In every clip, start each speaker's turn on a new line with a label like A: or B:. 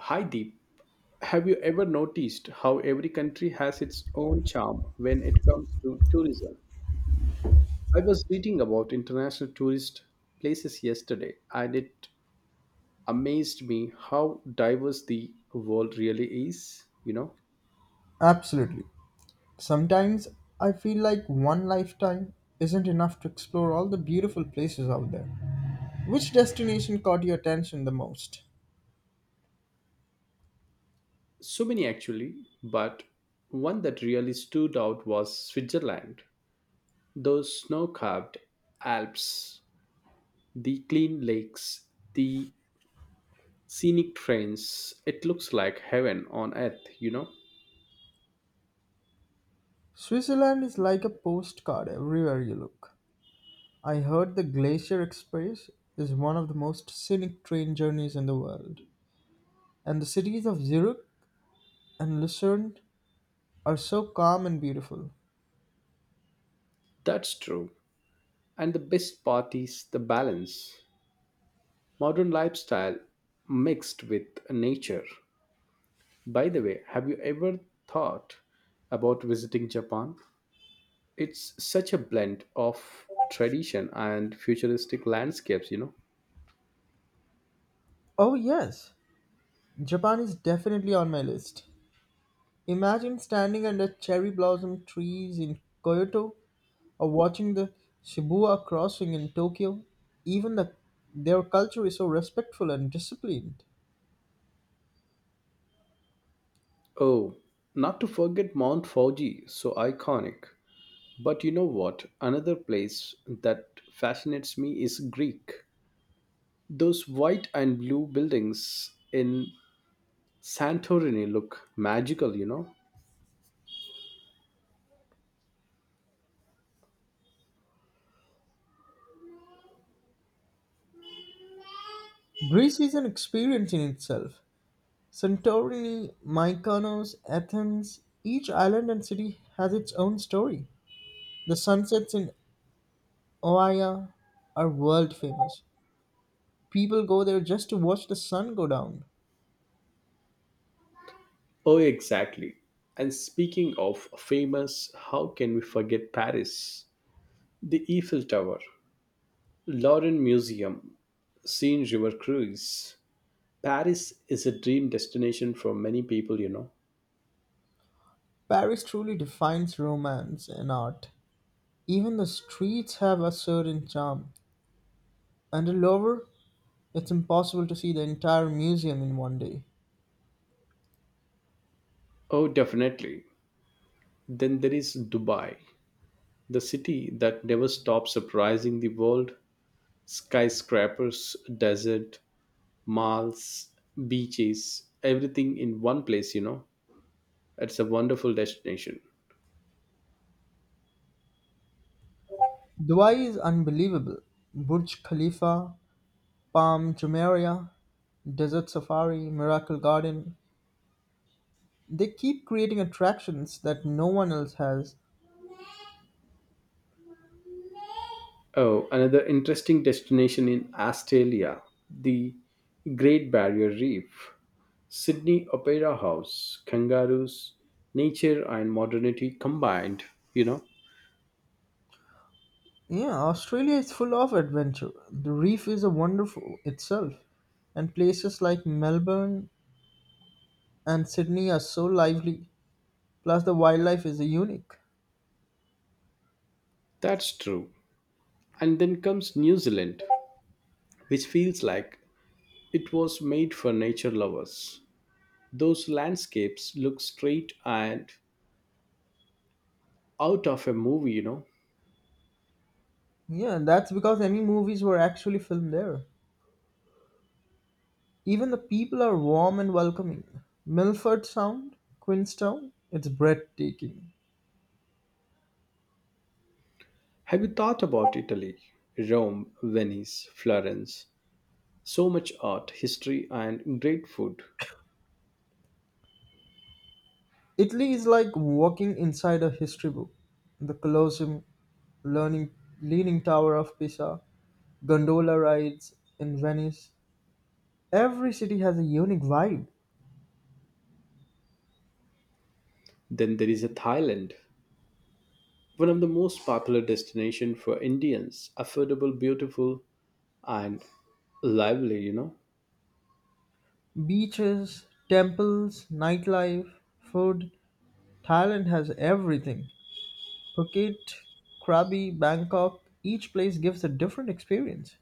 A: Hi Deep, have you ever noticed how every country has its own charm when it comes to tourism? I was reading about international tourist places yesterday and it amazed me how diverse the world really is, you know.
B: Absolutely. Sometimes I feel like one lifetime isn't enough to explore all the beautiful places out there. Which destination caught your attention the most?
A: So many actually, but one that really stood out was Switzerland. Those snow capped Alps, the clean lakes, the scenic trains, it looks like heaven on earth, you know.
B: Switzerland is like a postcard everywhere you look. I heard the Glacier Express is one of the most scenic train journeys in the world. And the cities of Zurich and Lucerne are so calm and beautiful.
A: That's true. And the best part is the balance. Modern lifestyle mixed with nature. By the way, have you ever thought about visiting Japan? It's such a blend of tradition and futuristic landscapes.
B: Oh, yes, Japan is definitely on my list. Imagine standing under cherry blossom trees in Kyoto or watching the Shibuya crossing in Tokyo. Even the, their culture is so respectful and disciplined.
A: Oh, not to forget Mount Fuji, so iconic. But you know what? Another place that fascinates me is Greek. Those white and blue buildings in Santorini look magical, you know?
B: Greece is an experience in itself. Santorini, Mykonos, Athens, each island and city has its own story. The sunsets in Oia are world famous. People go there just to watch the sun go down.
A: Oh, exactly. And speaking of famous, how can we forget Paris? The Eiffel Tower, Lauren Museum, Seine River Cruise. Paris is a dream destination for many people, you know?
B: Paris truly defines romance and art. Even the streets have a certain charm, and the Louvre, it's impossible to see the entire museum in one day.
A: Oh, definitely. Then there is Dubai, the city that never stops surprising the world. Skyscrapers, desert, malls, beaches, everything in one place, you know? It's a wonderful destination.
B: Dubai is unbelievable. Burj Khalifa, Palm Jumeirah, Desert Safari, Miracle Garden. They keep creating attractions that no one else has.
A: Oh, another interesting destination in Australia, the Great Barrier Reef, Sydney Opera House, kangaroos, nature and modernity combined, you know.
B: Yeah, Australia is full of adventure. The reef is a wonderful itself, and places like Melbourne and Sydney are so lively. Plus, the wildlife is unique.
A: That's true. And then comes New Zealand, which feels like it was made for nature lovers. Those landscapes look straight and out of a movie.
B: Yeah, that's because any movies were actually filmed there. Even the people are warm and welcoming. Milford Sound, Queenstown, it's breathtaking.
A: Have you thought about Italy? Rome, Venice, Florence. So much art, history, and great food.
B: Italy is like walking inside a history book. The Colosseum, learning, Leaning Tower of Pisa, gondola rides in Venice. Every city has a unique vibe.
A: Then there is a Thailand, one of the most popular destinations for Indians. Affordable, beautiful, and lively.
B: Beaches, temples, nightlife, food. Thailand has everything. Phuket, Krabi, Bangkok, each place gives a different experience.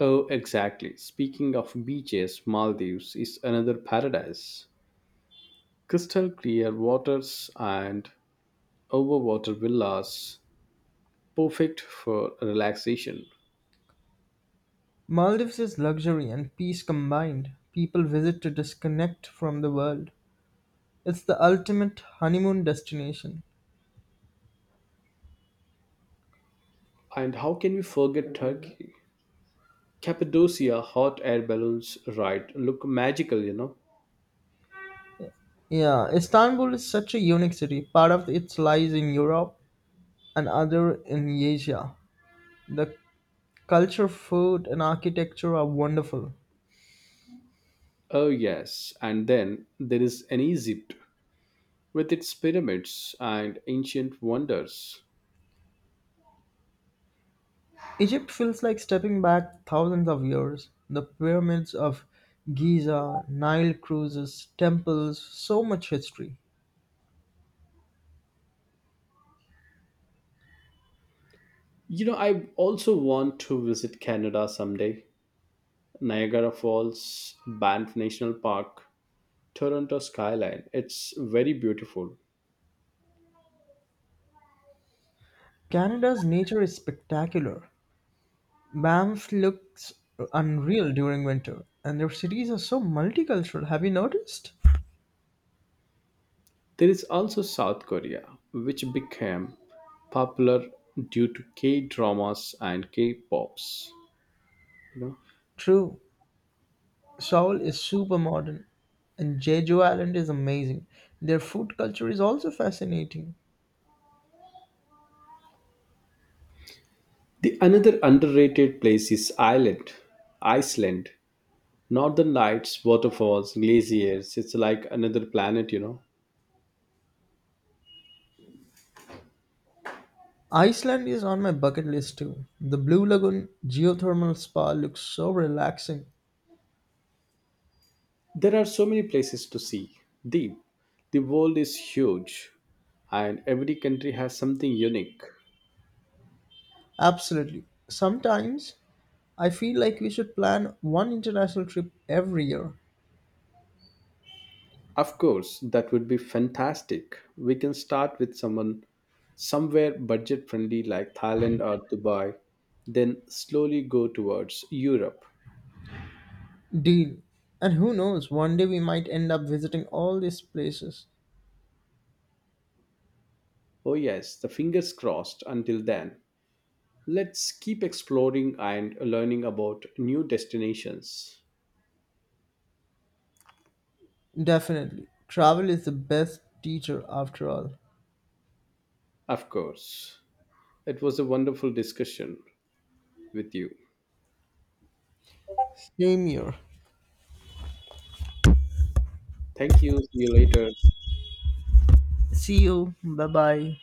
A: Oh, exactly. Speaking of beaches, Maldives is another paradise. Crystal clear waters and overwater villas, perfect for relaxation.
B: Maldives is luxury and peace combined. People visit to disconnect from the world. It's the ultimate honeymoon destination.
A: And how can we forget Turkey? Cappadocia hot air balloons ride look magical.
B: Yeah, Istanbul is such a unique city. Part of it lies in Europe and other in Asia. The culture, food, and architecture are wonderful.
A: Oh, yes. And then there is an Egypt with its pyramids and ancient wonders.
B: Egypt feels like stepping back thousands of years. The pyramids of Giza, Nile cruises, temples, so much history.
A: You know, I also want to visit Canada someday. Niagara Falls, Banff National Park, Toronto skyline. It's very beautiful.
B: Canada's nature is spectacular. Banff looks unreal during winter, and their cities are so multicultural. Have you noticed?
A: There is also South Korea, which became popular due to K dramas and K pops. You know,
B: True, Seoul is super modern, and Jeju Island is amazing. Their food culture is also fascinating.
A: the another underrated place is Ireland, Iceland. Northern Lights, waterfalls, glaciers. It's like another planet.
B: Iceland is on my bucket list too. The Blue Lagoon geothermal spa looks so relaxing.
A: There are so many places to see. The the world is huge and every country has something unique.
B: Absolutely. Sometimes I feel like we should plan one international trip every year.
A: Of course, that would be fantastic. We can start with someone somewhere budget friendly like Thailand or Dubai, then slowly go towards Europe.
B: Deal. And who knows, one day we might end up visiting all these places.
A: Oh yes, the fingers crossed until then. Let's keep exploring and learning about new destinations.
B: Definitely. Travel is the best teacher after all.
A: Of course. It was a wonderful discussion with you.
B: Same here.
A: Thank you. See you later.
B: See you. Bye bye.